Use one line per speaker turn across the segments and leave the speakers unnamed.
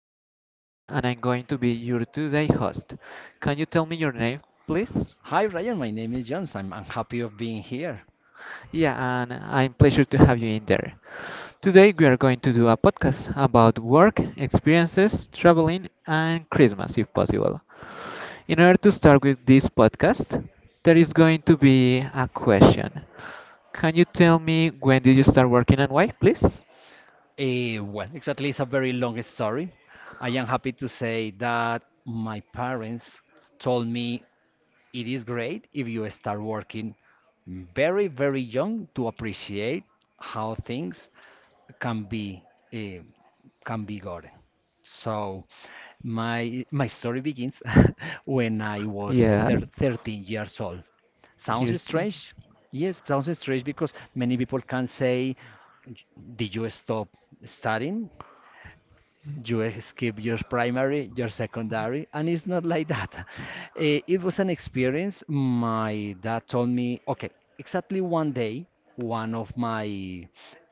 name is Brian and I'm going to be your today host. Can you tell me your name, please?
Hi Ryan, my name is Jones. I'm happy of being here.
Yeah, and I'm pleasure to have you in there. Today we are going to do a podcast about work, experiences, traveling and Christmas if possible. In order to start with this podcast, there is going to be a question. Can you tell me when did you start working and why, please?
Well, exactly, it's a very long story. I am happy to say that my parents told me it is great if you start working very, very young to appreciate how things can be eh, can be gotten. So my story begins when I was eh,
Yeah.
thir 13 years old. Sounds
30.
strange. Yes, sounds strange because many people can say, did you stop studying? You skip your primary, your secondary, and it's not like that. It was an experience. My dad told me, okay, exactly one day, one of my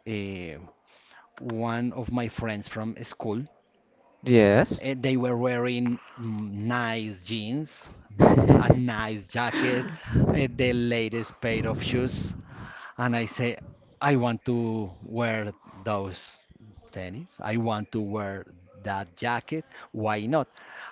eh, one of my friends from school,
Yes.
they were wearing nice jeans, a nice jacket, the latest pair of shoes, and I say, I want to wear those tennis. I want to wear that jacket. Why not?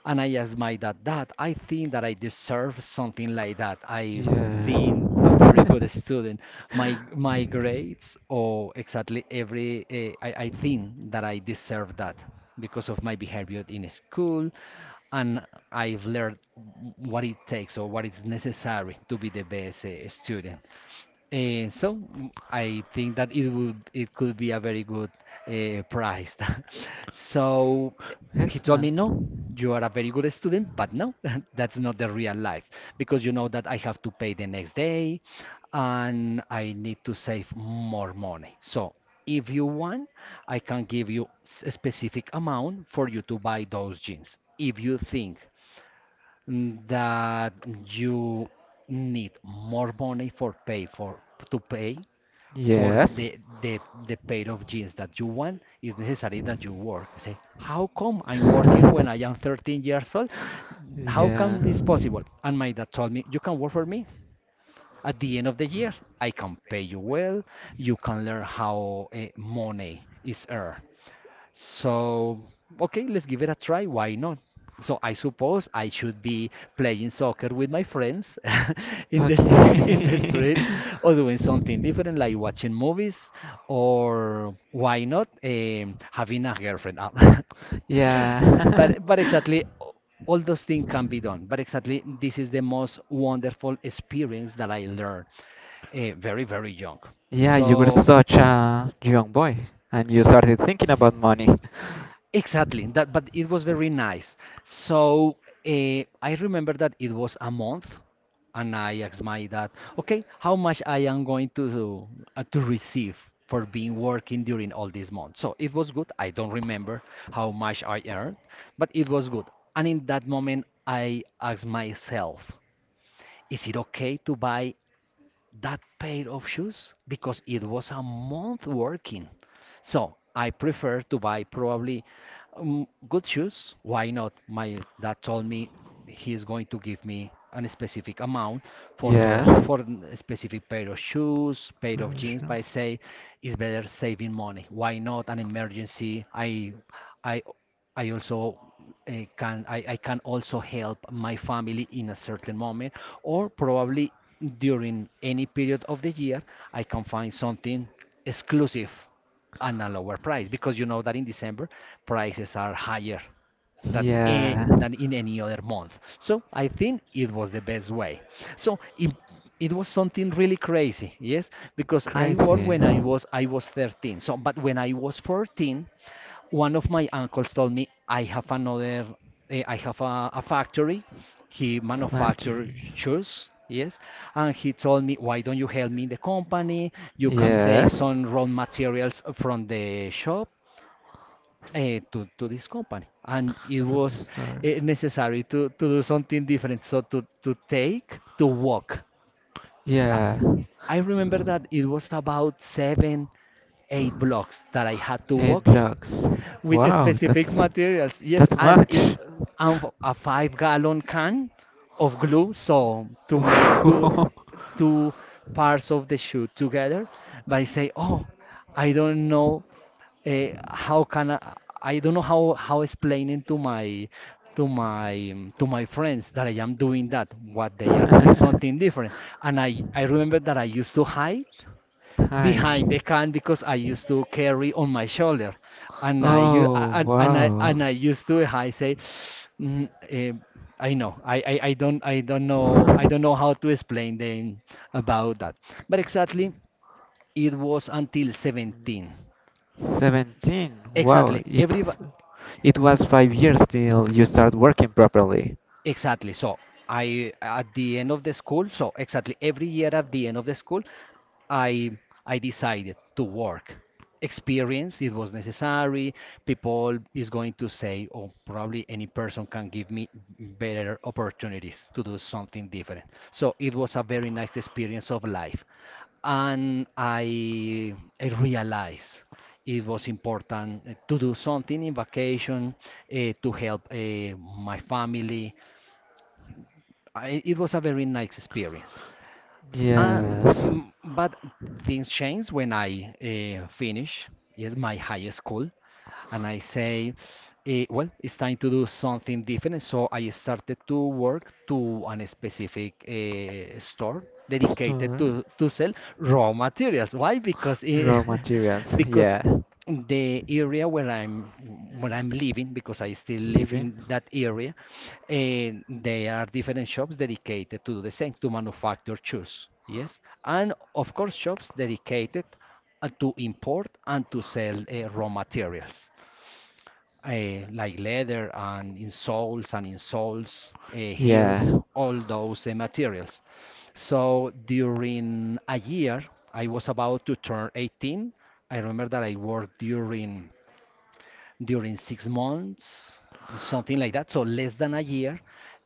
And I asked my dad, "Dad, I think that I deserve something like that. I've
Yeah.
been a very good student. My grades, or exactly every, I think that I deserve that because of my behavior in school, and I've learned what it takes or what is necessary to be the best student. And so, I think that it could be a very good prize." So he told me,
Excellent.
"No, you are a very good student, but no, that's not the real life because you know that I have to pay the next day and I need to save more money. So if you want, I can give you a specific amount for you to buy those jeans. If you think, that you need more money for pay for to pay for
Yes.
the the pair of jeans that you want, it's necessary that you work." I say, "How come I'm working when I am 13 years old? How
Yeah.
come it's possible?" And my dad told me, "You can work for me. At the end of the year, I can pay you well. You can learn how money is earned." So, okay, let's give it a try. Why not? So I suppose I should be playing soccer with my friends in the
Okay.
streets, or doing something different like watching movies, or why not having a girlfriend. Ah,
yeah.
But exactly all those things can be done. But exactly this is the most wonderful experience that I learned very, very young.
yeah, you were
So.
such a young boy and you started thinking about money.
Exactly, that, but it was very nice. So, I remember that it was a month, and I asked my dad, "Okay, how much I am going to receive for being working during all this month?" So it was good. I don't remember how much I earned, but it was good. And in that moment, I asked myself, "Is it okay to buy that pair of shoes? Because it was a month working. So I prefer to buy probably good shoes. Why not?" My dad told me he's going to give me an specific amount for those
Yeah.
for a specific pair of shoes, pair of jeans. But
Professional.
I say it's better saving money. Why not an emergency? I I also, I can also help my family in a certain moment, or probably during any period of the year I can find something exclusive and a lower price, because you know that in December prices are higher than a,
Yeah.
than in any other month. So I think it was the best way. So it was something really crazy, yes, because I worked
Crazy.
when I was 13. So but when I was 14, one of my uncles told me, "I have another, I have a factory. He manufactures
Factory.
shoes." Yes. And he told me, "Why don't you help me in the company? You can take
Yes.
some raw materials from the shop to this company." And it
From the
was
store.
necessary to do something different. So to take, to walk. I,
Yeah,
I remember that it was about seven, eight blocks that I had to
eight
walk
blocks.
with
Wow,
specific
that's
materials. Yes,
that's
and it,
much.
and a five-gallon can of glue, so to make two the
Ooh.
two parts of the shoe together. But I say, oh, I don't know how can I don't know how explaining to my to my friends that I am doing that, what they are doing something different. And I remember that I used to hide
Hi.
behind the can because I used to carry on my shoulder, and I u-
Oh, wow.
and I used to I say, mm, eh, I know, I don't know how to explain them about that, but exactly it was until 17. S-
17. Wow,
Exactly
it
every
It was 5 years till you start working properly.
Exactly. So I at the end of the school, so exactly every year at the end of the school, I I decided to work. Experience, it was necessary. People is going to say, oh, probably any person can give me better opportunities to do something different. So it was a very nice experience of life. And I realized it was important to do something in vacation, to help, my family. I, it was a very nice experience. Uh,
Yes.
but things changed when I finish, yes, my high school, and I say, well, it's time to do something different. So I started to work to an specific store dedicated
Store.
to sell raw materials. Why? Because
Raw materials.
because
Yeah.
the area where I'm
Mm.
living, because I still live
Living.
in that area, and there are different shops dedicated to do the same to manufacture shoes. Yes, and of course shops dedicated to import and to sell raw materials, like leather and insoles heels,
Yeah.
all those materials. So during a year, I was about to turn 18. I remember that I worked during six months, something like that. So less than a year.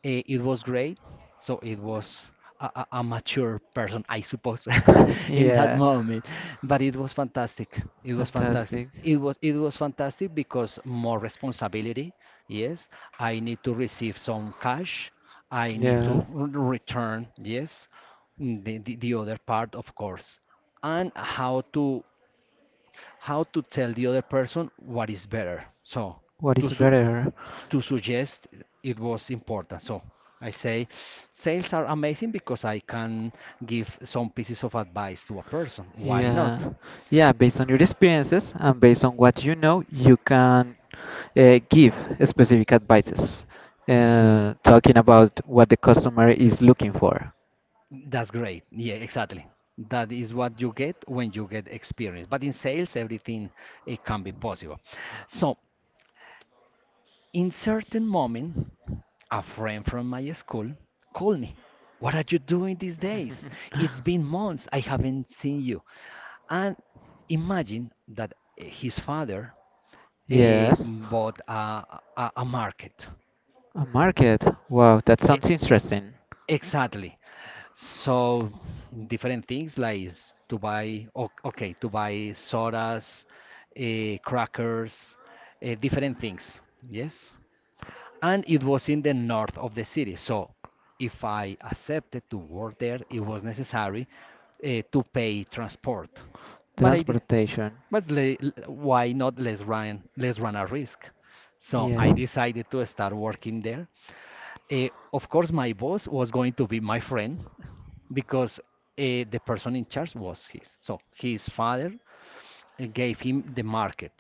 It was great. So it was a mature person, I suppose, in that
Yeah.
moment. But it was fantastic.
Fantastic.
It was fantastic because more responsibility. Yes, I need to receive some cash. I need
Yeah.
to return. Yes. Mm, the other part, of course, and how to tell the other person what is better. So
What
to
is
su-
better?
to suggest, it was important. So I say sales are amazing because I can give some pieces of advice to a person. Why not?
Yeah. Yeah, based on your experiences and based on what you know, you can give specific advices, talking about what the customer is looking for.
That's great. Yeah, exactly. That is what you get when you get experience. But in sales, everything, it can be possible. So in certain moment, a friend from my school called me. "What are you doing these days? It's been months. I haven't seen you." And imagine that his father
Yes.
bought a market.
A market. Wow, that
E-
sounds interesting.
Exactly. So different things like to buy, okay, to buy sodas, crackers, different things. Yes. And it was in the north of the city. So if I accepted to work there, it was necessary to pay transport. But I did.
Transportation.
Why not, let's run a risk? So
Yeah.
I decided to start working there. Of course, my boss was going to be my friend because the person in charge was his. So his father gave him the market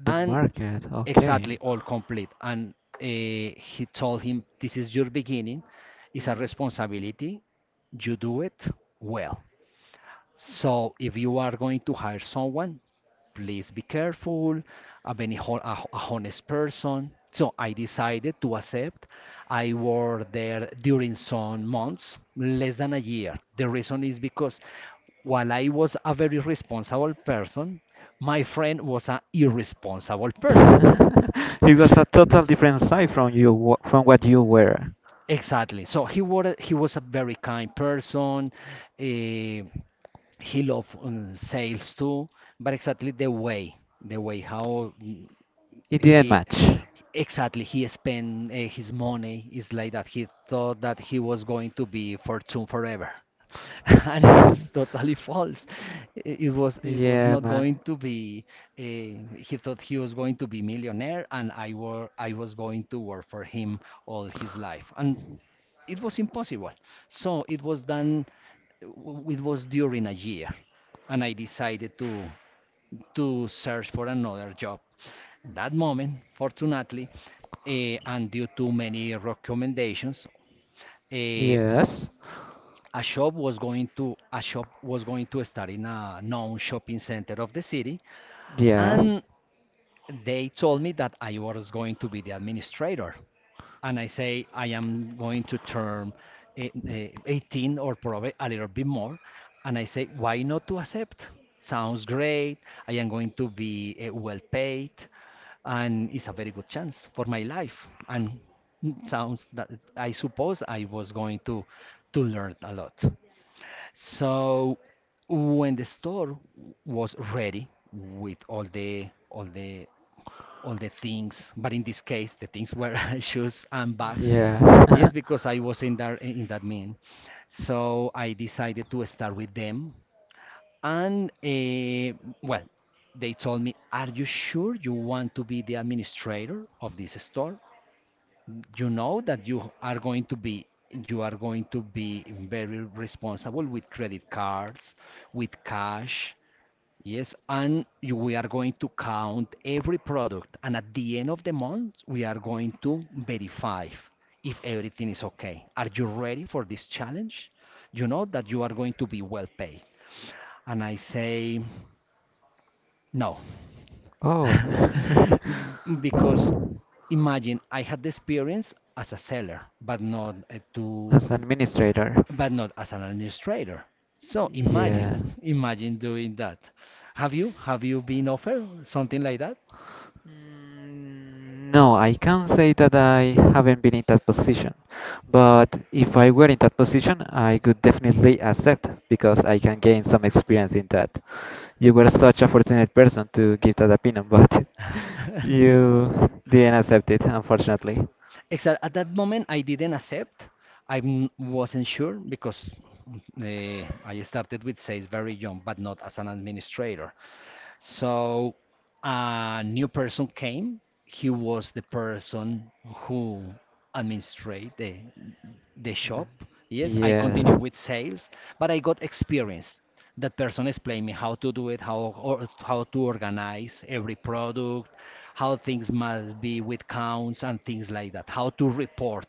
The
and
market.
exactly
Okay.
all complete. And he told him, "This is your beginning. It's a responsibility. You do it well. So if you are going to hire someone, please be careful. A very an a honest person." So I decided to accept. I worked there during some months, less than a year. The reason is because while I was a very responsible person, my friend was an irresponsible person.
You was a total different side from what you were.
Exactly. So he was a very kind person. eh, he loved, sales too, but exactly the way, how, mm,
It didn't
he
match.
exactly he spent, his money is like that. He thought that he was going to be fortune forever. And it was totally false. It was
Yeah,
not
man.
going to be. He thought he was going to be millionaire, and I was going to work for him all his life, and it was impossible. So it was done. It was during a year, and I decided to search for another job. That moment, fortunately, and due to many recommendations, eh,
Yes.
a shop was going to start in a known shopping center of the city,
Yeah.
and they told me that I was going to be the administrator. And I say, I am going to turn 18 or probably a little bit more. And I say, why not to accept? Sounds great. I am going to be well paid. And it's a very good chance for my life. And sounds that I suppose I was going to learn a lot. So when the store was ready with all the all the things, but in this case the things were shoes and bags.
Yeah.
Yes, because I was in that mean. So I decided to start with them. And uh, well, they told me, "Are you sure you want to be the administrator of this store? You know that you are going to be very responsible with credit cards, with cash. Yes, and we are going to count every product, and at the end of the month we are going to verify if everything is okay. Are you ready for this challenge? You know that you are going to be well paid." And I say, no.
Oh.
Because imagine, I had the experience as a seller, but not to,
As administrator,
but not as an administrator. So imagine,
yeah.
imagine doing that. Have you been offered something like that?
No, I can't say that I haven't been in that position. But if I were in that position, I could definitely accept because I can gain some experience in that. You were such a fortunate person to give that opinion, but you didn't accept it, unfortunately.
Except at that moment, I didn't accept. I wasn't sure because I started with sales very young, but not as an administrator. So a new person came. He was the person who administrate the shop. Yes, I continue
Yeah.
with sales, but I got experience. That person explained me how to do it, how to organize every product, how things must be with counts and things like that, how to report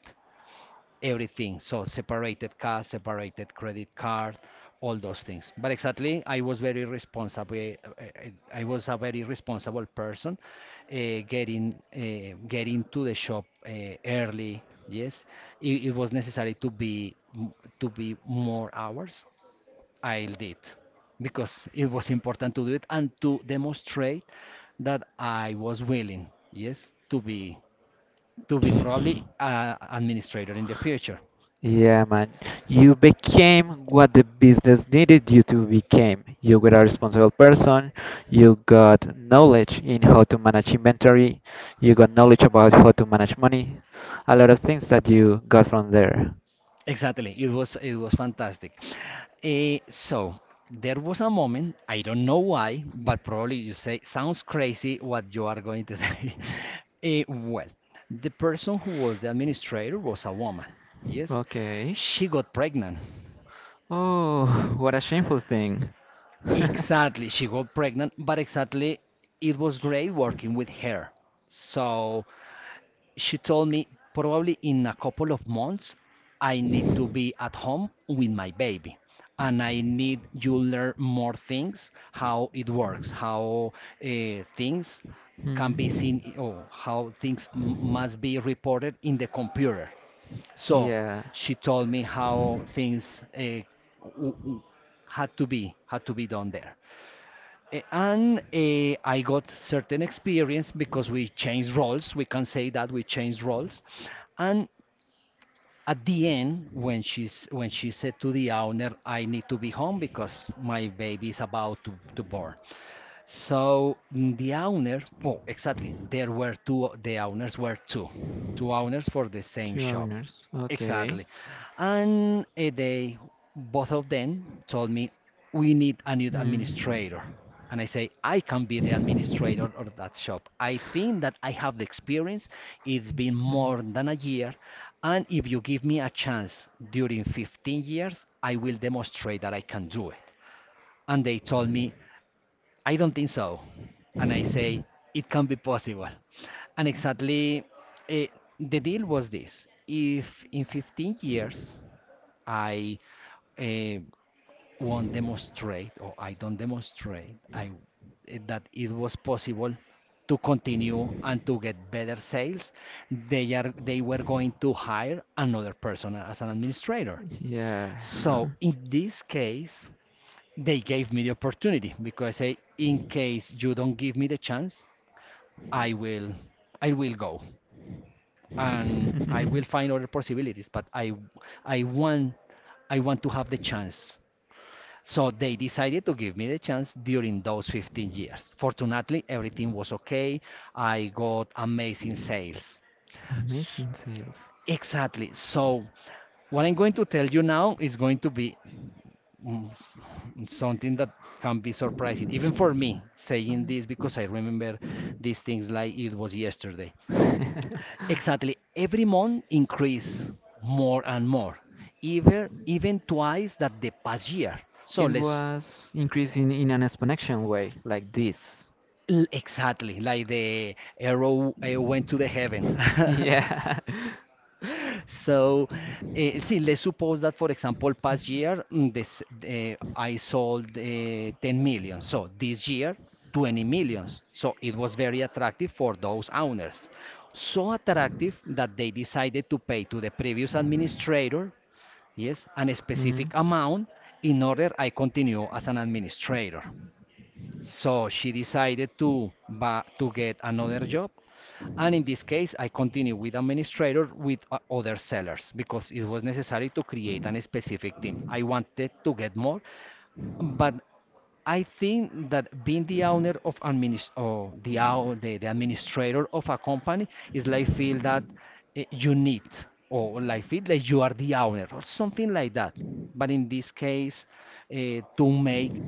everything. So separated cash, separated credit card, all those things. But exactly, I was very responsible. I was a very responsible person, getting getting to the shop early. Yes, it was necessary to be more hours. I did, because it was important to do it and to demonstrate that I was willing. Yes, to be probably an administrator in the future.
Yeah, man. You became what the business needed you to become. You were a responsible person. You got knowledge in how to manage inventory. You got knowledge about how to manage money. A lot of things that you got from there.
Exactly. It was fantastic. So there was a moment, I don't know why, but probably you say sounds crazy what you are going to say. Eh, well, the person who was the administrator was a woman. Yes.
Okay.
She got pregnant.
Oh, what a shameful thing.
Exactly, she got pregnant, but exactly it was great working with her. So she told me, probably in a couple of months I need to be at home with my baby, and I need you learn more things, how it works, how uh, things can be
Hmm.
seen, or how things must be reported in the computer. So
Yeah.
she told me how things w- w- had to be done there. And I got certain experience because we changed roles. We can say that we changed roles. And at the end, when she said to the owner, "I need to be home because my baby is about to born." So the owner, oh, exactly, there were two. The owners were two, two owners for the same shop.
Owners.
Exactly. And a day, both of them told me, we need a new administrator. And I say, I can be the administrator of that shop. I think that I have the experience. It's
It's
been more than a year. And if you give me a chance during 15 years, I will demonstrate that I can do it. And they told me, I don't think so. And I say, it can be possible. And exactly, eh, the deal was this. If in 15 years I eh, won't demonstrate, or I don't demonstrate that it was possible to continue and to get better sales, they were going to hire another person as an administrator.
Yeah.
So in this case, they gave me the opportunity because I, say, in case you don't give me the chance, I will, I will go and I will find other possibilities. I want, I want to have the chance. So they decided to give me the chance during those 15 years. Fortunately, everything was okay. I got amazing sales. S-
sales.
Exactly. So what I'm going to tell you now is going to be mm, s- something that can be surprising, even for me saying this, because I remember these things like it was yesterday.
Yesterday.
Exactly, every month increase more and more, even even twice that the past year. So let's
was increasing in an exponential way, like this.
exactly like the arrow went to the heaven.
yes,
So, see, let's suppose that, for example, past year, I sold 10 million. So this year, 20 millions. So it was very attractive for those owners. So attractive that they decided to pay to the previous administrator, yes, an specific amount in order I continue as an administrator. So she decided to get another job. And in this case, I continued with administrator with other sellers because it was necessary to create a specific team. I wanted to get more, but I think that being the owner of administ or the, ou- the the administrator of a company is like feel that you need, or like feel like you are the owner or something like that. But in this case, uh, to make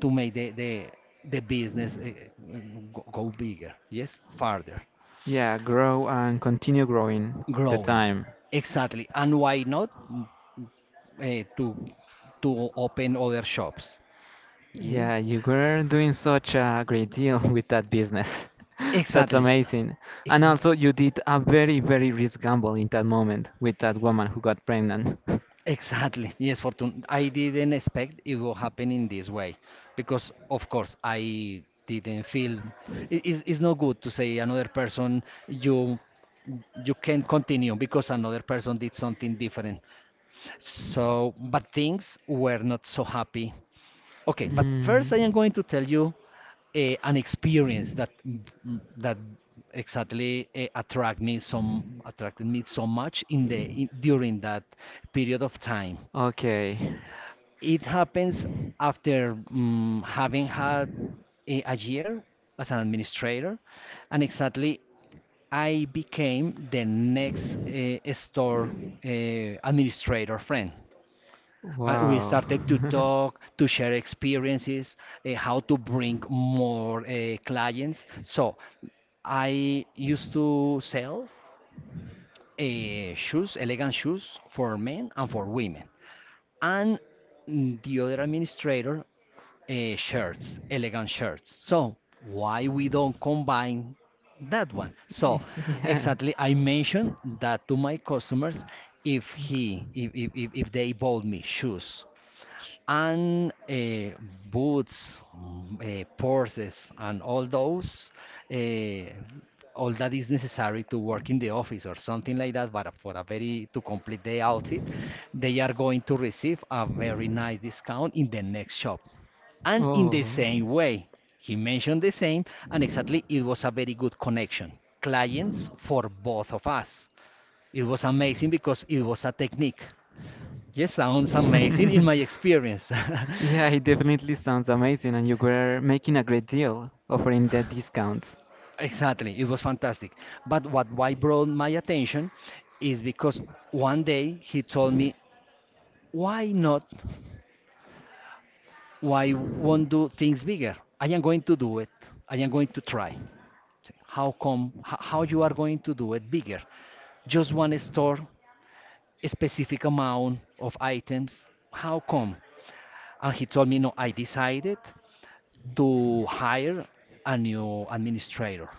to make the the business go, go bigger, yes, farther,
yeah, grow and continue growing.
growing,
Time.
exactly, and why not to to open other shops,
Yeah,
yes.
you were doing such a great deal with that business. That's
Exactly. s-
amazing. And
Exactly.
also, you did a very, very risk gamble in that moment with that woman who got pregnant.
Exactly. Yes, Fortune. I didn't expect it will happen in this way, because, of course, I didn't feel it's not good to say another person, you you can continue because another person did something different. So, but things were not so happy. Okay, but
Mm,
first I am going to tell you an experience that exactly attracted me so much in the in, during that period of time.
okay.
It happens after having had a year as an administrator, and exactly I became the next store uh, administrator friend. We
Wow.
started to talk, to share experiences, how to bring more clients. So I used to sell shoes, elegant shoes for men and for women. And the other administrator, shirts, elegant shirts. So why we don't combine that one? So
Yeah.
exactly, I mentioned that to my customers, if if they bought me shoes and boots, purses, and all those, uh, all that is necessary to work in the office or something like that. But for a very, to complete the outfit, they are going to receive a very nice discount in the next shop. And in the
Oh.
same way, he mentioned the same, and exactly it was a very good connection. Clients for both of us. It was amazing because it was a technique. Yes, sounds amazing in my experience.
Yeah, it definitely sounds amazing, and you were making a great deal offering the discounts.
Exactly, it was fantastic. But what why brought my attention is because one day he told me, "Why not? Why won't do things bigger? I am going to do it. I am going to try." How come? How you are going to do it bigger? Just one store, a specific amount of items. How come? And he told me, "No, I decided to hire a new administrator."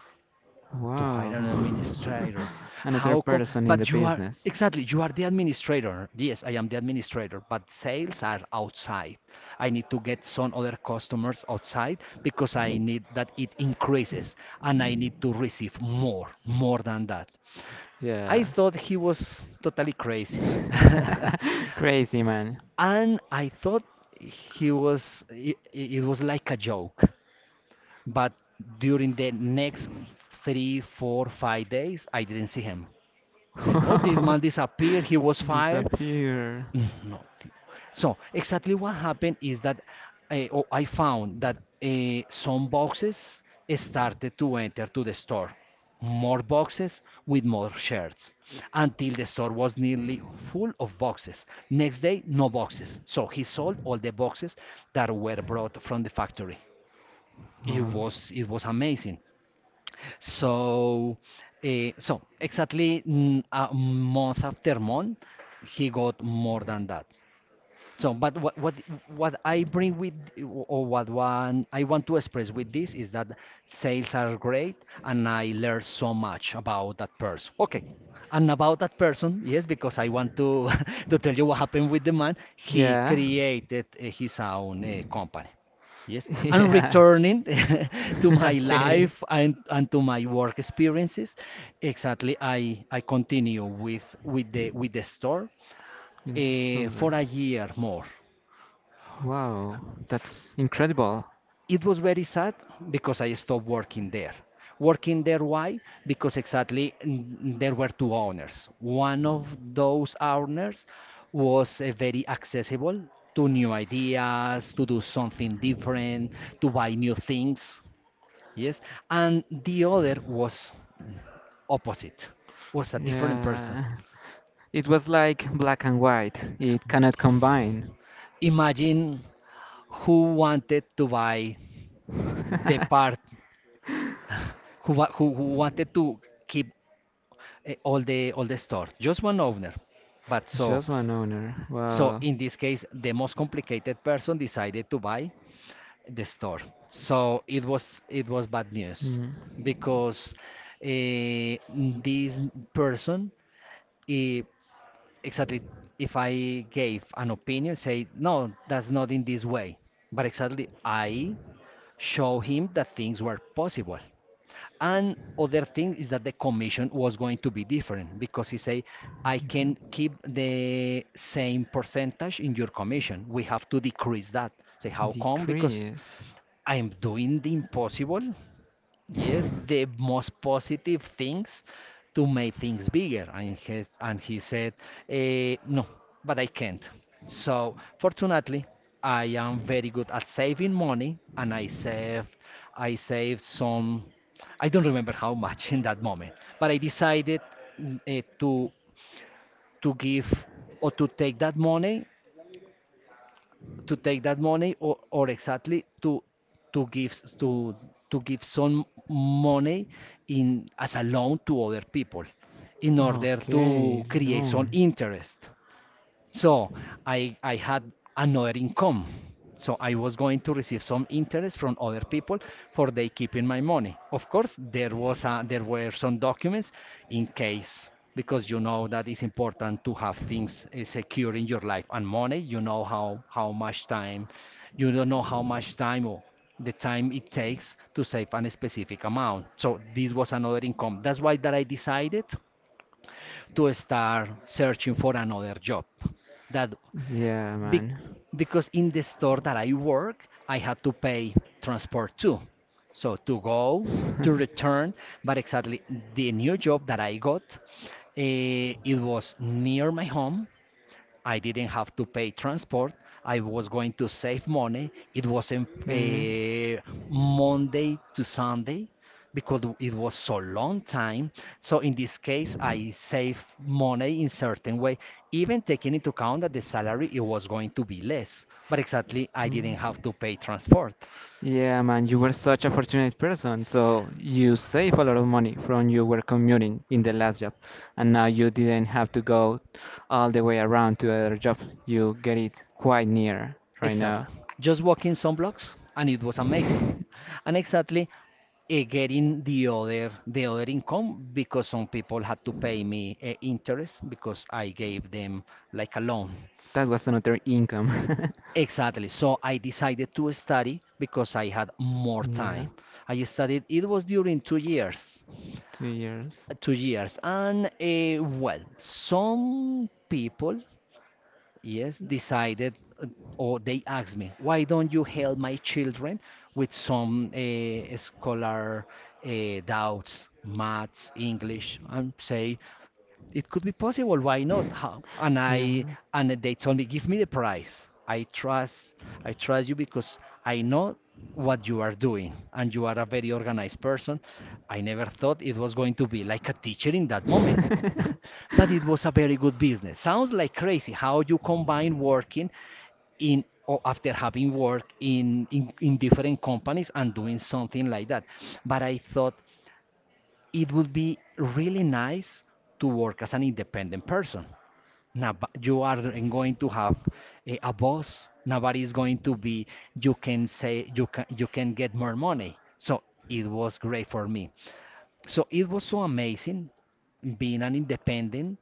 To hire an
Wow.
administrator.
Another
How come?
person in the
But you are,
business.
exactly, you are the administrator. Yes, I am the administrator, but sales are outside. I need to get some other customers outside because I need that it increases and I need to receive more, more than that. I
Yeah.
thought he was totally crazy.
Crazy man.
And I thought he was it was like a joke. But during the next three, four, 5 days, I didn't see him. Saying, oh, this man disappeared, he was fired.
Disappear.
Mm, no. So, exactly what happened is that oh, I found that some boxes started to enter to the store. More boxes with more shirts until the store was nearly full of boxes. Next day, no boxes. So he sold all the boxes that were brought from the factory. It
Wow.
was it was amazing. So, exactly a month after month, he got more than that. So, but what I bring with, or what one I want to express with this, is that sales are great, and I learned so much about that person. Okay, and about that person, yes, because I want to to tell you what happened with the man. He
Yeah.
created his own company. Yes, and
Yeah.
returning to my
Okay.
life, and to my work experiences, exactly, I continue with with the store
In the
for
summer.
a year more.
Wow, that's incredible.
It was very sad because I stopped working there. Working there, why? Because exactly, there were two owners. One of those owners was very accessible to new ideas, to do something different, to buy new things. Yes. And the other was opposite, was a different person.
Yeah, it was like black and white. It cannot combine.
Imagine who wanted to buy the part. Who wanted to keep all the store, just one owner, but so
Just one owner.
so
Wow.
in this case the most complicated person decided to buy the store. So it was bad news
Mm.
because eh, this person, eh, exactly, if I gave an opinion, say, no, that's not in this way, but exactly I show him that things were possible. And other thing is that the commission was going to be different because he say, I can
Mhm.
keep the same percentage in your commission. We have to decrease that. Say, how come? Because
Decrease.
I'm doing the impossible. Yes, the most positive things to make things bigger. And he said, no, but I can't. So, fortunately, I am very good at saving money and I saved some. I don't remember how much in that moment, but I decided mm, eh, to, to give or to take that money, to take that money, or exactly to give s- to give some money, in as a loan to other people in order to
Okay,
create some
loan.
interest, so I had another income. So I was going to receive some interest from other people for they keeping my money. Of course, there were some documents, in case, because you know that it's important to have things secure in your life and money. You know how much time, you don't know how much time or the time it takes to save a specific amount. So this was another income. That's why that I decided to start searching for another job that
Yeah,
Bec
man.
because in the store that I work, I had to pay transport too. So to go, to return, but exactly the new job that I got, it was near my home. I didn't have to pay transport. I was going to save money. It wasn't
Mm. Mm.
Monday to Sunday because it was so long time. So in this case, I save money in certain way, even taking into account that the salary it was going to be less. But exactly, I didn't have to pay transport.
Yeah, man, you were such a fortunate person. So you save a lot of money from you were commuting in the last job, and now you didn't have to go all the way around to other job. You get it quite near right
Exactly.
now.
Just walking some blocks and it was amazing. And exactly, getting the other income because some people had to pay me interest because I gave them like a loan.
That was another income.
Exactly. So I decided to study because I had more
yeah,
time. I studied. It was during 2 years.
2 years.
2 years, and well, some people, yes, decided, uh, or they asked me, why don't you help my children with some scholar doubts, maths, English? I say, it could be possible. Why not? How? And I
Yeah.
and they told me, give me the price. I trust you because I know what you are doing, and you are a very organized person. I never thought it was going to be like a teacher in that moment. But it was a very good business. Sounds like crazy how you combine working in, or after having worked in different companies and doing something like that. But I thought it would be really nice to work as an independent person. Now, you aren't going to have a boss. Nobody is going to be. You can say you can get more money. So it was great for me. So it was so amazing being an independent.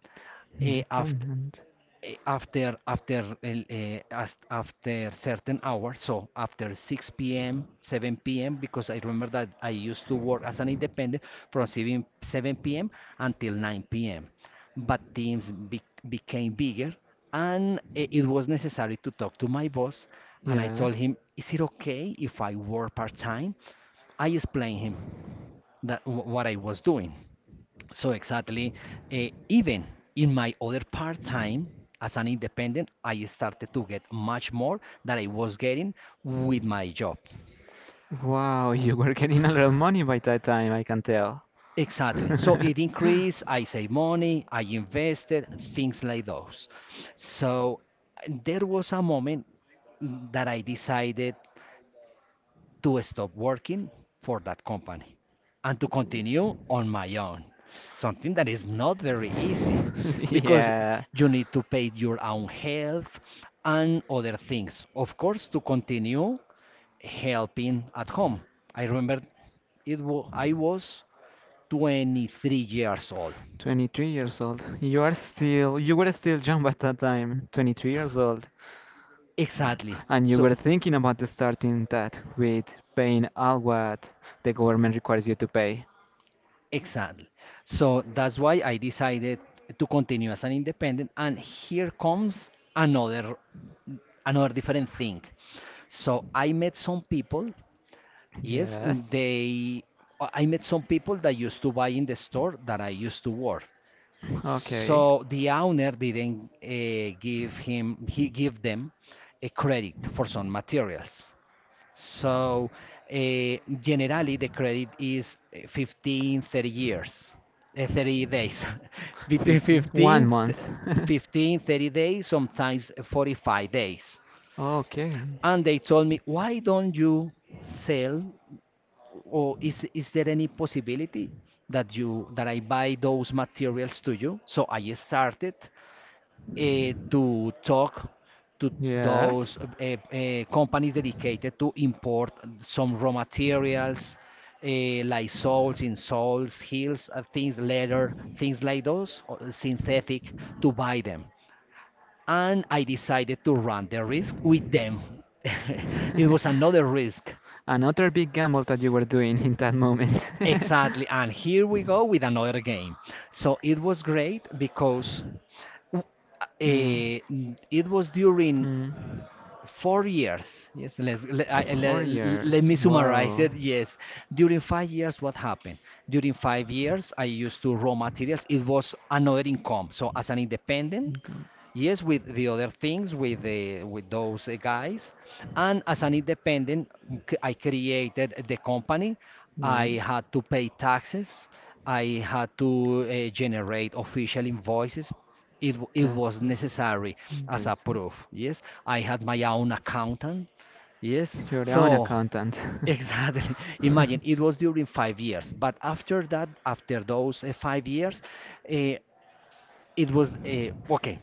After
Independent.
eh, after after After certain hours, so after 6 p.m., 7 p.m., because I remember that I used to work as an independent from 7 p.m. until 9 p.m. But teams became bigger, and it was necessary to talk to my boss, and I
Yeah.
told him, is it okay if I work part-time? I explained him that what I was doing. So exactly, even in my other part time as an independent, I started to get much more than I was getting with my job.
Wow, you were getting a lot of money by that time, I can tell.
Exactly. So it increased, I save money, I invested, things like those. So there was a moment that I decided to stop working for that company and to continue on my own. Something that is not very easy because
Yeah,
you need to pay your own health and other things. Of course, to continue helping at home. I remember I was 23 years old.
23 years old. You were still young at that time, 23 years old,
Exactly.
and you
So
were thinking about starting that with paying all what the government requires you to pay.
exactly. So that's why I decided to continue as an independent. And here comes another different thing. So I met some people. Yes,
Yes.
they. I met some people that used to buy in the store that I used to work.
Okay.
So the owner didn't give him. He gave them a credit for some materials. So generally, the credit is 15, 30 years, 30 days, between
15,
15,
one
th-
month.
15, 30 days, sometimes 45 days.
Okay.
And they told me, why don't you sell, or is there any possibility that you that I buy those materials to you? So I started to talk to those
Yes.
companies dedicated to import some raw materials, like salts in salts, hills, things, leather, things like those, or synthetic, to buy them. And I decided to run the risk with them. It was another risk.
Another big gamble that you were doing in that moment.
Exactly. And here we go with another game. So it was great because uh,
Mm.
it was during
Mm.
4 years, yes, let's let, I,
Four
let, let
years.
me summarize
Wow.
it, yes, during 5 years. What happened during 5 years, I used to raw materials, it was another income, so as an independent.
Go-
Yes, with the other things, with those guys, and as an independent, I created the company. I
Right.
had to pay taxes. I had to generate official invoices. It was
Taxes,
necessary as a
invoices.
proof. Yes, I had my own accountant. Yes,
You're your own
so
accountant.
exactly. Imagine it was during 5 years, but after that, after those 5 years. uh, it was okay.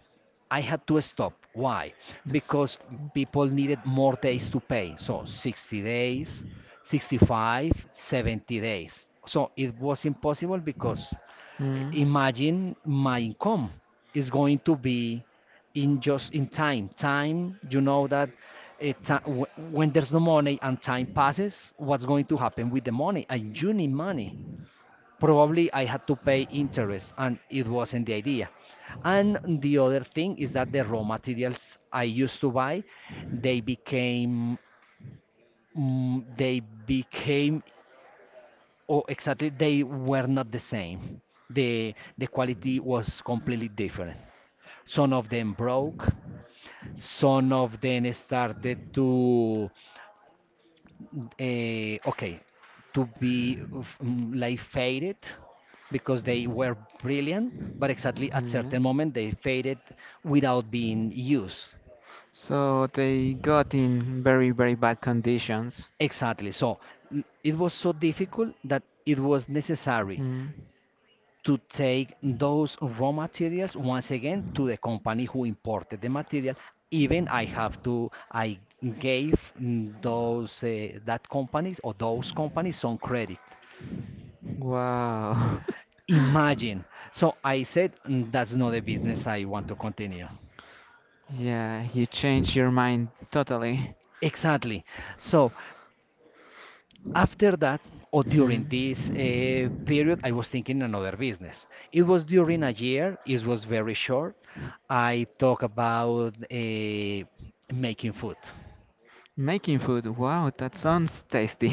I had to stop. Why?
yes.
Because people needed more days to pay. So 60 days, 65, 70 days. So it was impossible because
Mm.
imagine my income is going to be in just in time. Time, you know that when there's no money and time passes, what's going to happen with the money? I You need money, probably I had to pay interest and it wasn't the idea. And the other thing is that the raw materials I used to buy, they became they became, or exactly they were not the same. The quality was completely different. Some of them broke, some of them started Uh, okay, to be like faded because they were brilliant, but exactly at
Yeah.
certain moment they faded without being used.
So they got in very, very bad conditions.
Exactly. So it was so difficult that it was necessary
Mm.
to take those raw materials once again to the company who imported the material. Even I gave those that companies or those companies some credit.
Wow.
Imagine. So I said, that's not a business I want to continue."
Yeah, you changed your mind totally.
Exactly. So after that, or during
Hmm.
this period, I was thinking another business. It was during a year, it was very short. I talk about making food.
Making food. Wow, that sounds tasty.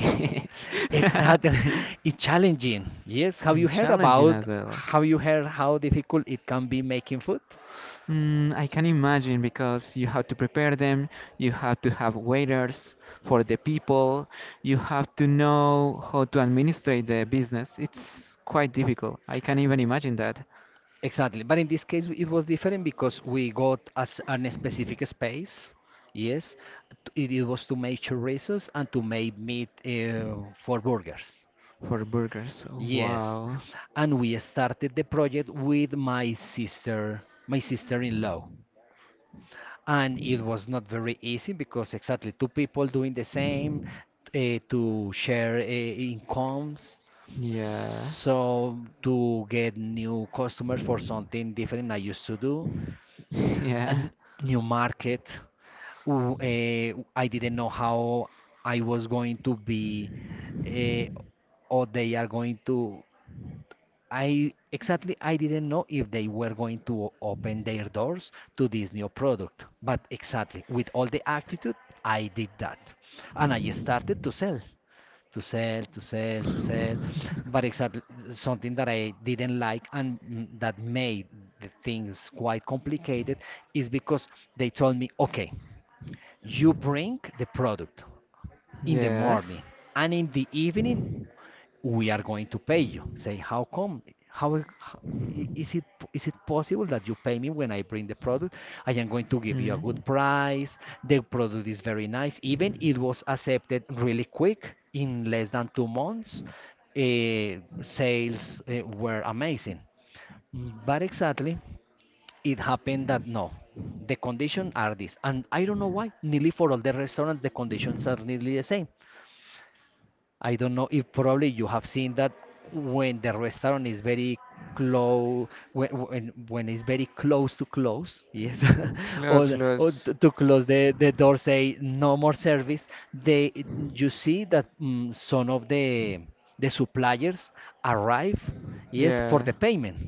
it's
Exactly. It's challenging. Yes. Have you
And
heard
challenging
about,
as well.
have you heard how difficult it can be making food?
I can imagine because you have to prepare them, you have to have waiters for the people, you have to know how to administrate the business. It's quite difficult. I can even imagine that
Exactly, but in this case it was different because we got as an specific space. Yes, it was to make chorizos and to make meat for burgers.
for burgers. Oh,
Yes,
wow.
and we started the project with my sister, my sister-in-law, and it was not very easy because exactly two people doing the same, to share, incomes.
Yeah.
So to get new customers for something different I used to do, a
Yeah.
new market. I didn't know how I was going to be, eh, or they are going to. I, exactly, I didn't know if they were going to open their doors to this new product. But exactly with all the attitude, I did that, and I started to sell, But exactly something that I didn't like and that made the things quite complicated is because they told me, okay, you bring the product in the
Yes.
morning and in the evening we are going to pay you. Say, how come? How I- is it possible that you pay me when I bring the product? I am going to give you a
Mm.
good price. The product is very nice. Even it was accepted really quick in less than 2 months. Sales were amazing. But exactly, it happened that no, the conditions are this, and I don't know why. Nearly for all the restaurants, the conditions are nearly the same. I don't know if probably you have seen that when the restaurant is very close, when it's very close to close, yes, or
Close,
the- or
close.
to, to close the door, say no more service. They you see that some of the suppliers arrive, yes, for
Yeah.
the payment.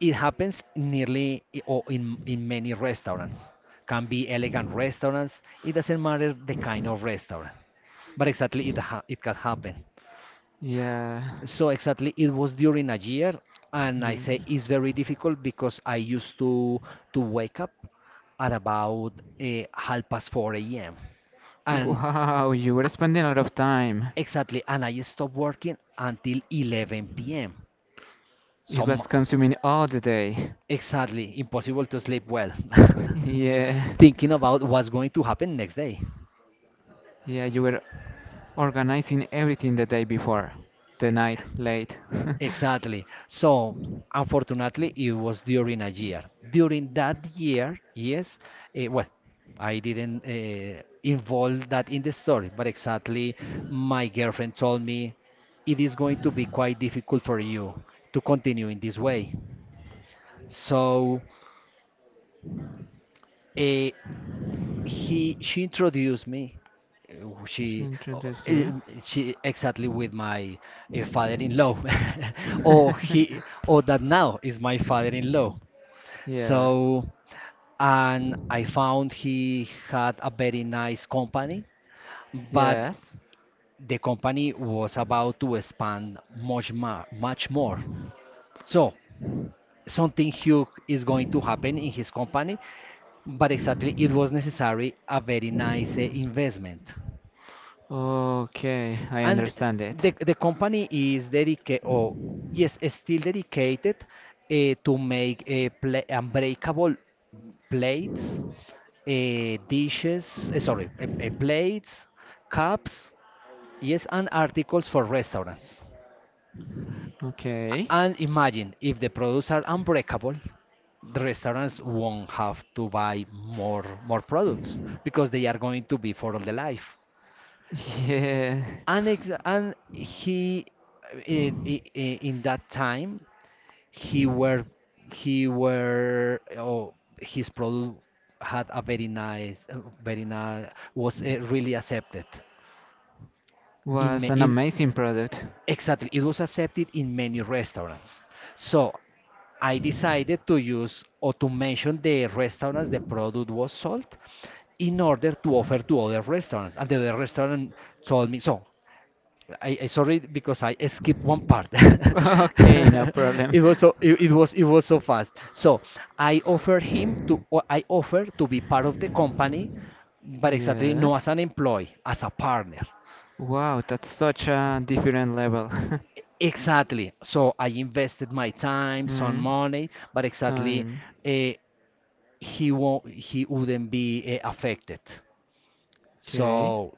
It happens nearly in many restaurants. Can be elegant restaurants. It doesn't matter the kind of restaurant, but exactly it can happen.
Yeah.
So exactly it was during a year, and I say
Mm.
it's very difficult because I used to wake up at about half past 4 a.m. And
Wow, you were spending a lot of time.
exactly, and I stopped working until 11 p.m.
It
Some
was consuming all the day.
Exactly, impossible to sleep well,
yeah,
thinking about what's going to happen next day.
yeah, you were organizing everything the day before, the night late.
Exactly. So, unfortunately, it was during a year. During that year, yes, well, I didn't involve that in the story, but exactly my girlfriend told me it is going to be quite difficult for you to continue in this way. So, uh, he she introduced me, uh,
She
she uh,
introduced you.
she exactly, with my father-in-law, or he or that now is my father-in-law.
yeah.
So and I found he had a very nice company, but
Yes.
the company was about to expand much more, much more. So something huge is going to happen in his company, but exactly it was necessary a very nice investment.
Okay, I
And
understand
the
it.
the company is dedicated or, yes, is still dedicated to make, pla unbreakable plates, dishes, sorry, plates, cups, yes, and articles for restaurants.
Okay.
And imagine, if the products are unbreakable, the restaurants won't have to buy more products because they are going to be for all the life.
Yeah.
And and he, uh, in, in that time, he were, he were oh his product had a very nice, very nice, was really accepted in
Was
ma-
an
in
amazing product.
Exactly, it was accepted in many restaurants. So I decided to use or to mention the restaurants the product was sold, in order to offer to other restaurants, and the other restaurant told me. So I sorry because I skipped one part.
Okay, no problem.
It was so fast. So I offered him to or I offered to be part of the company, but exactly no
Yes.
as an employee, as a partner.
Wow, that's such a different level.
Exactly. So I invested my time, some
Mm.
money, but exactly
Time.
uh, he wouldn't be affected.
Okay.
So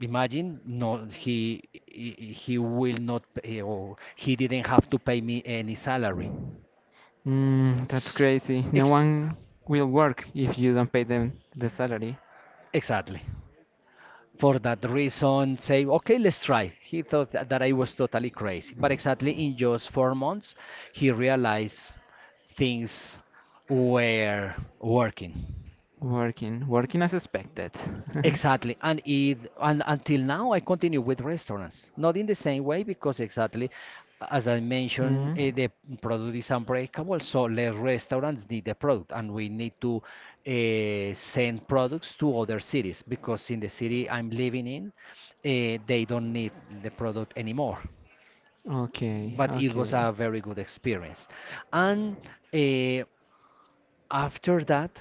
imagine, no, he will not pay, or he didn't have to pay me any salary.
That's
S-
crazy. No
Ex
one will work if you don't pay them the salary.
Exactly. For that reason, say, okay, let's try. He thought that I was totally crazy, but exactly in just 4 months, he realized things were working.
Working, working as expected.
Exactly. And it and until now I continue with restaurants. Not in the same way, because exactly, as I
as
mentioned, the product is unbreakable, so the restaurants need the product and we need
keep
to send products to other cities, because in the city I'm living in, they don't need the product anymore.
Okay.
But it was a very good experience. And, uh, after that,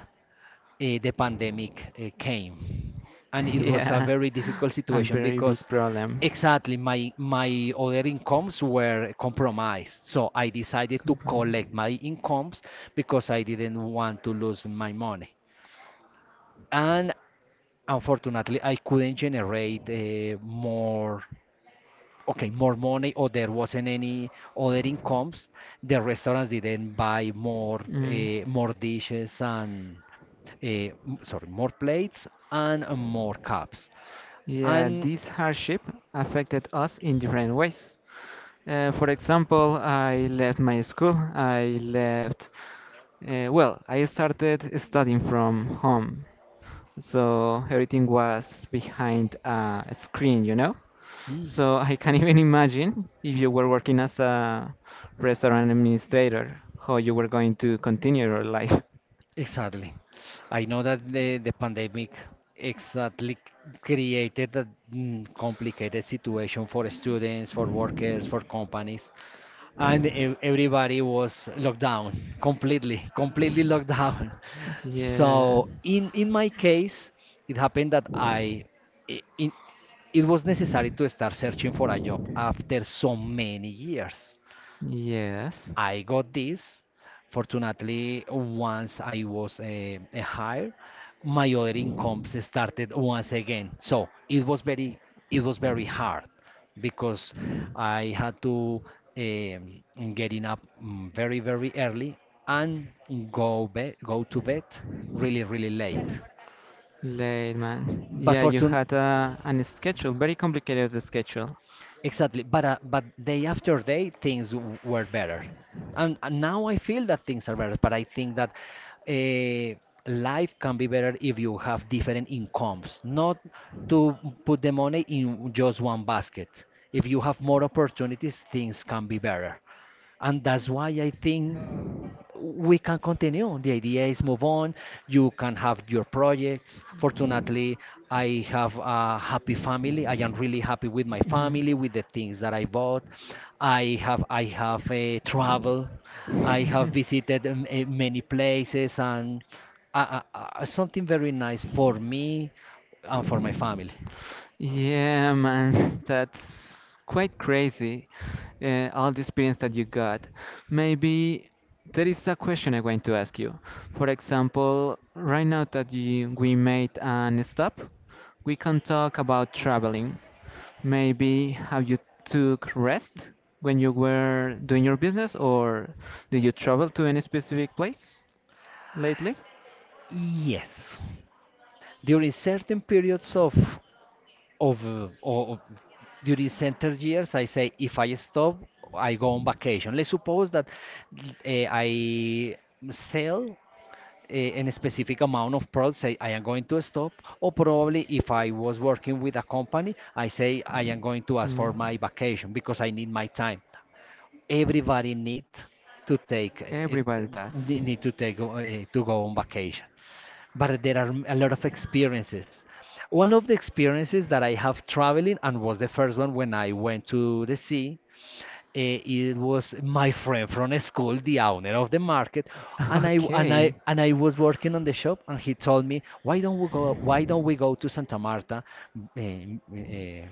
the pandemic came, and it was a very difficult situation,
because big
because
problem.
exactly my other incomes were compromised. So I decided to collect my incomes, because I didn't want to lose my money. And unfortunately, I couldn't generate more, okay, more money, or there wasn't any other incomes. The restaurants didn't buy more dishes and, sorry, more plates and more cups.
Yeah,
And
this hardship affected us in different ways. For example, I left my school. Well, I started studying from home. So everything was behind a screen, you know?
mm,
So I can't even imagine if you were working as a restaurant administrator, how you were going to continue your life.
exactly, I know that the pandemic exactly created a complicated situation for students, for workers, for companies. And everybody was locked down, completely, completely locked down. So
Yeah,
in my case, it happened that i- in, it was necessary to start searching for a job after so many years.
yes.
I got this. Fortunately, once I was, hired, my other incomes started once again. So it was very, hard, because I had to, getting up, very, very early, and go go to bed really, really late.
Late, man.
But
Yeah, you
fortune,
had a an schedule, very complicated schedule.
Exactly, but day after day things were better. And, now I feel that things are better. But I think that, uh, life can be better if you have different incomes, not to put the money in just one basket. If you have more opportunities, things can be better, and that's why I think we can continue. The idea is move on. You can have your projects. Fortunately, I have a happy family. I am really happy with my family, with the things that I bought. I have travel. I have visited, many places and, something very nice for me and for my family.
Yeah, man, that's quite crazy. All the experience that you got. Maybe there is a question I'm going to ask you. For example, right now that we made an stop, we can talk about traveling. Maybe how you took rest when you were doing your business, or did you travel to any specific place lately?
Yes. During certain periods of during center years, I say, if I stop, I go on vacation. Let's suppose that, I sell an specific amount of products. I am going to stop, or probably if I was working with a company, I say I am going to ask for my vacation because I need my time. Everybody need to take,
Everybody You
ne-
does.
need to take uh, to go on vacation. But there are a lot of experiences. One of the experiences that I have traveling and was the first one when I went to the sea. It was my friend from school, the owner of the market, and I was working on the shop, and he told me, "Why don't we go? Why don't we go to Santa Marta, eh, eh,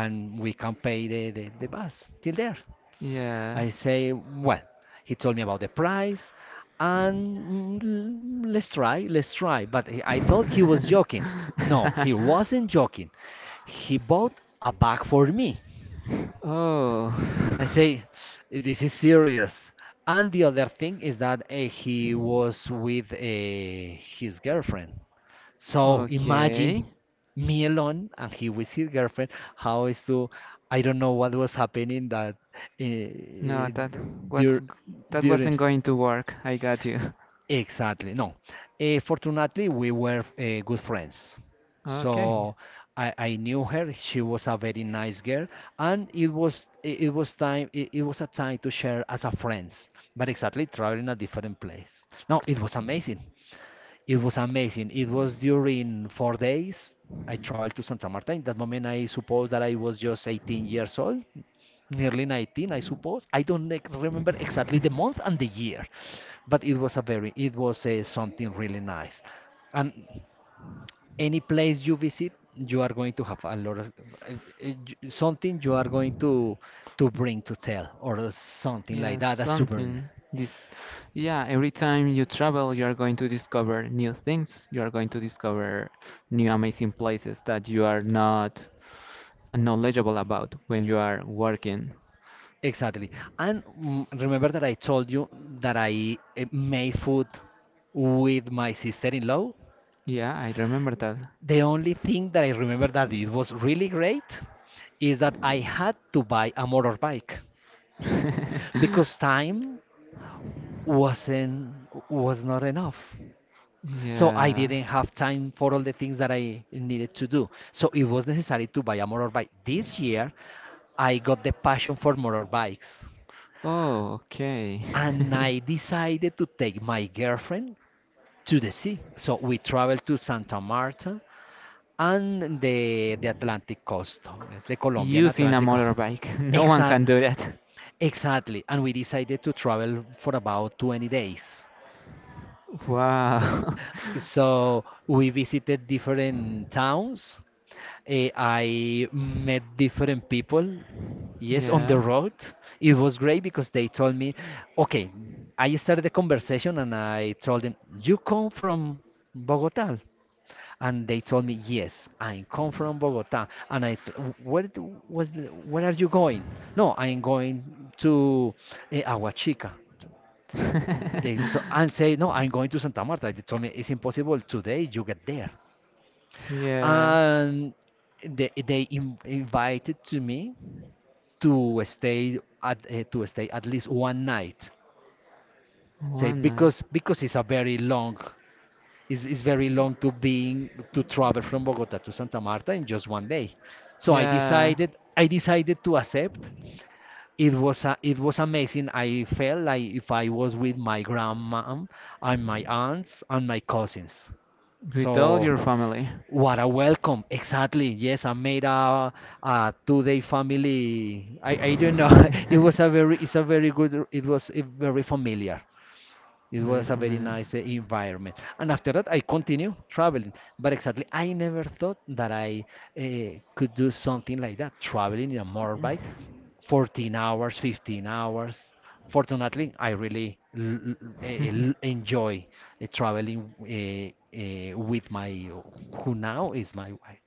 and we can pay the bus till there?"
Yeah.
I say, well, he told me about the price, and, let's try, let's try. But I thought he was joking. No, he wasn't joking. He bought a bag for me. I
Oh. He
say, this is serious. And the other thing is that, he was with, his girlfriend. So imagine, me alone and he with his girlfriend. How is to I don't know what was happening that,
No,
uh, dur
what's g- that
during.
wasn't going to work. I got you.
Exactly. No. Fortunately, we were, good friends.
Okay.
So I knew her. She was a very nice girl, and it was it, it was time it, it was a time to share as a friends, but exactly traveling a different place. No, it was amazing. It was amazing. It was during 4 days. I traveled to Santa Marta. In that moment, I suppose that I was just 18 years old, nearly 19, I suppose. I don't like, remember exactly the month and the year, but it was a very, it was something really nice. And any place you visit, you are going to have a lot of, uh, uh, something you are going to bring to tell or something like
Yeah,
that, a souvenir.
something. Yeah, every time you travel, you are going to discover new things. You are going to discover new amazing places that you are not knowledgeable about when you are working.
Exactly. And, remember that I told you that I, made food with my sister-in-law?
Yeah, I remember that.
The only thing that I remember that it was really great is that I had to buy a motorbike, because time wasn't was not enough. So I
Yeah.
didn't have time for all the things that I needed to do. So it was necessary to buy a motorbike. This year, I got the passion for motorbikes,
Oh, okay.
and I decided to take my girlfriend to the sea. So we traveled to Santa Marta and the Atlantic coast, the Colombian
Using a
Atlantic.
motorbike. No one
Exact,
can do that.
exactly. And we decided to travel for about 20 days.
Wow.
So we visited different towns. I met different people. Yes, on the
Yeah.
road. It was great because they told me, okay, I started the conversation and I told them, you come from Bogota. And they told me, yes, I come from Bogota. And I, t- where d- was the, where are you going? No, I'm going to, Aguachica. They to, and say, no, I'm going to Santa Marta. They told me it's impossible today. You get there.
Yeah.
And they invited to me to stay at least one night. Say,
One night.
because it's a very long. It's very long to being to travel from Bogota to Santa Marta in just one day. So
Yeah.
I decided to accept. It was amazing. I felt like if I was with my grandma and my aunts and my cousins.
With all
So
your family.
what a welcome. Exactly. Yes, I made a two-day family. I don't know. It was a very it's a very good very familiar. It
Very
was a very
familiar.
nice environment. And after that, I continue traveling. But exactly, I never thought that I, could do something like that, traveling in a motorbike, 14 hours, 15 hours. Fortunately, I really enjoy, traveling, with my, who now is my wife.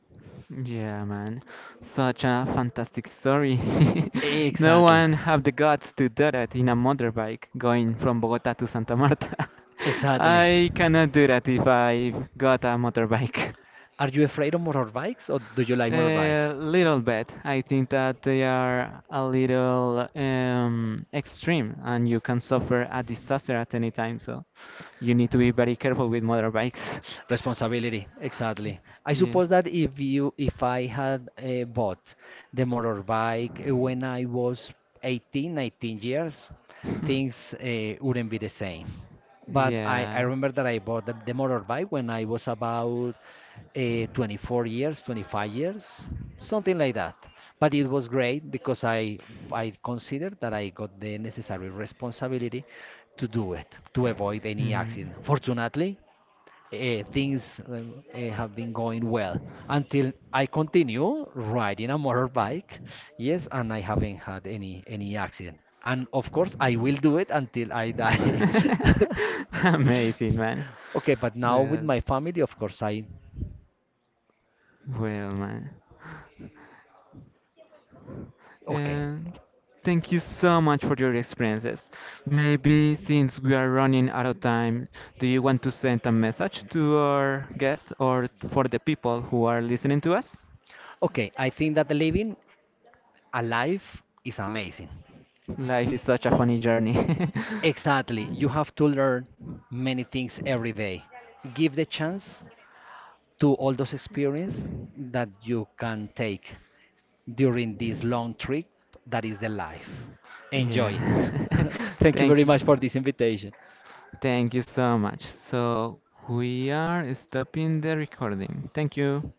Yeah, man. Such a fantastic story. No
Exactly.
one have the guts to do that in a motorbike going from Bogota to Santa Marta.
Exactly.
I cannot do that if I got a motorbike.
Are you afraid of motorbikes or do you like motorbikes?
A little bit. I think that they are a little extreme and you can suffer a disaster at any time. So you need to be very careful with motorbikes.
Responsibility, exactly. I suppose that if I had, bought the motorbike,
Yeah.
when I was 18, 19 years, things, wouldn't be the same. But I
Yeah.
remember that I bought the motorbike when I was about, 24 years, 25 years, something like that. But it was great because I considered that I got the necessary responsibility to do it, to avoid any
Mhm.
accident. Fortunately, things, have been going well until I continue riding a motorbike. Yes, and I haven't had any accident. And of course, I will do it until I die.
Amazing, man.
Okay, but now with
Well,
my family, of course, I
well, man.
okay.
And thank you so much for your experiences. Maybe since we are running out of time, do you want to send a message to our guests or for the people who are listening to us?
Okay, I think that living a life is amazing.
Life is such a funny journey.
Exactly. You have to learn many things every day. Give the chance to all those experience that you can take during this long trip that is the life. Enjoy it.
Yeah.
Thank you
Thank
very
you.
much for this invitation.
Thank you so much. So we are stopping the recording. Thank you.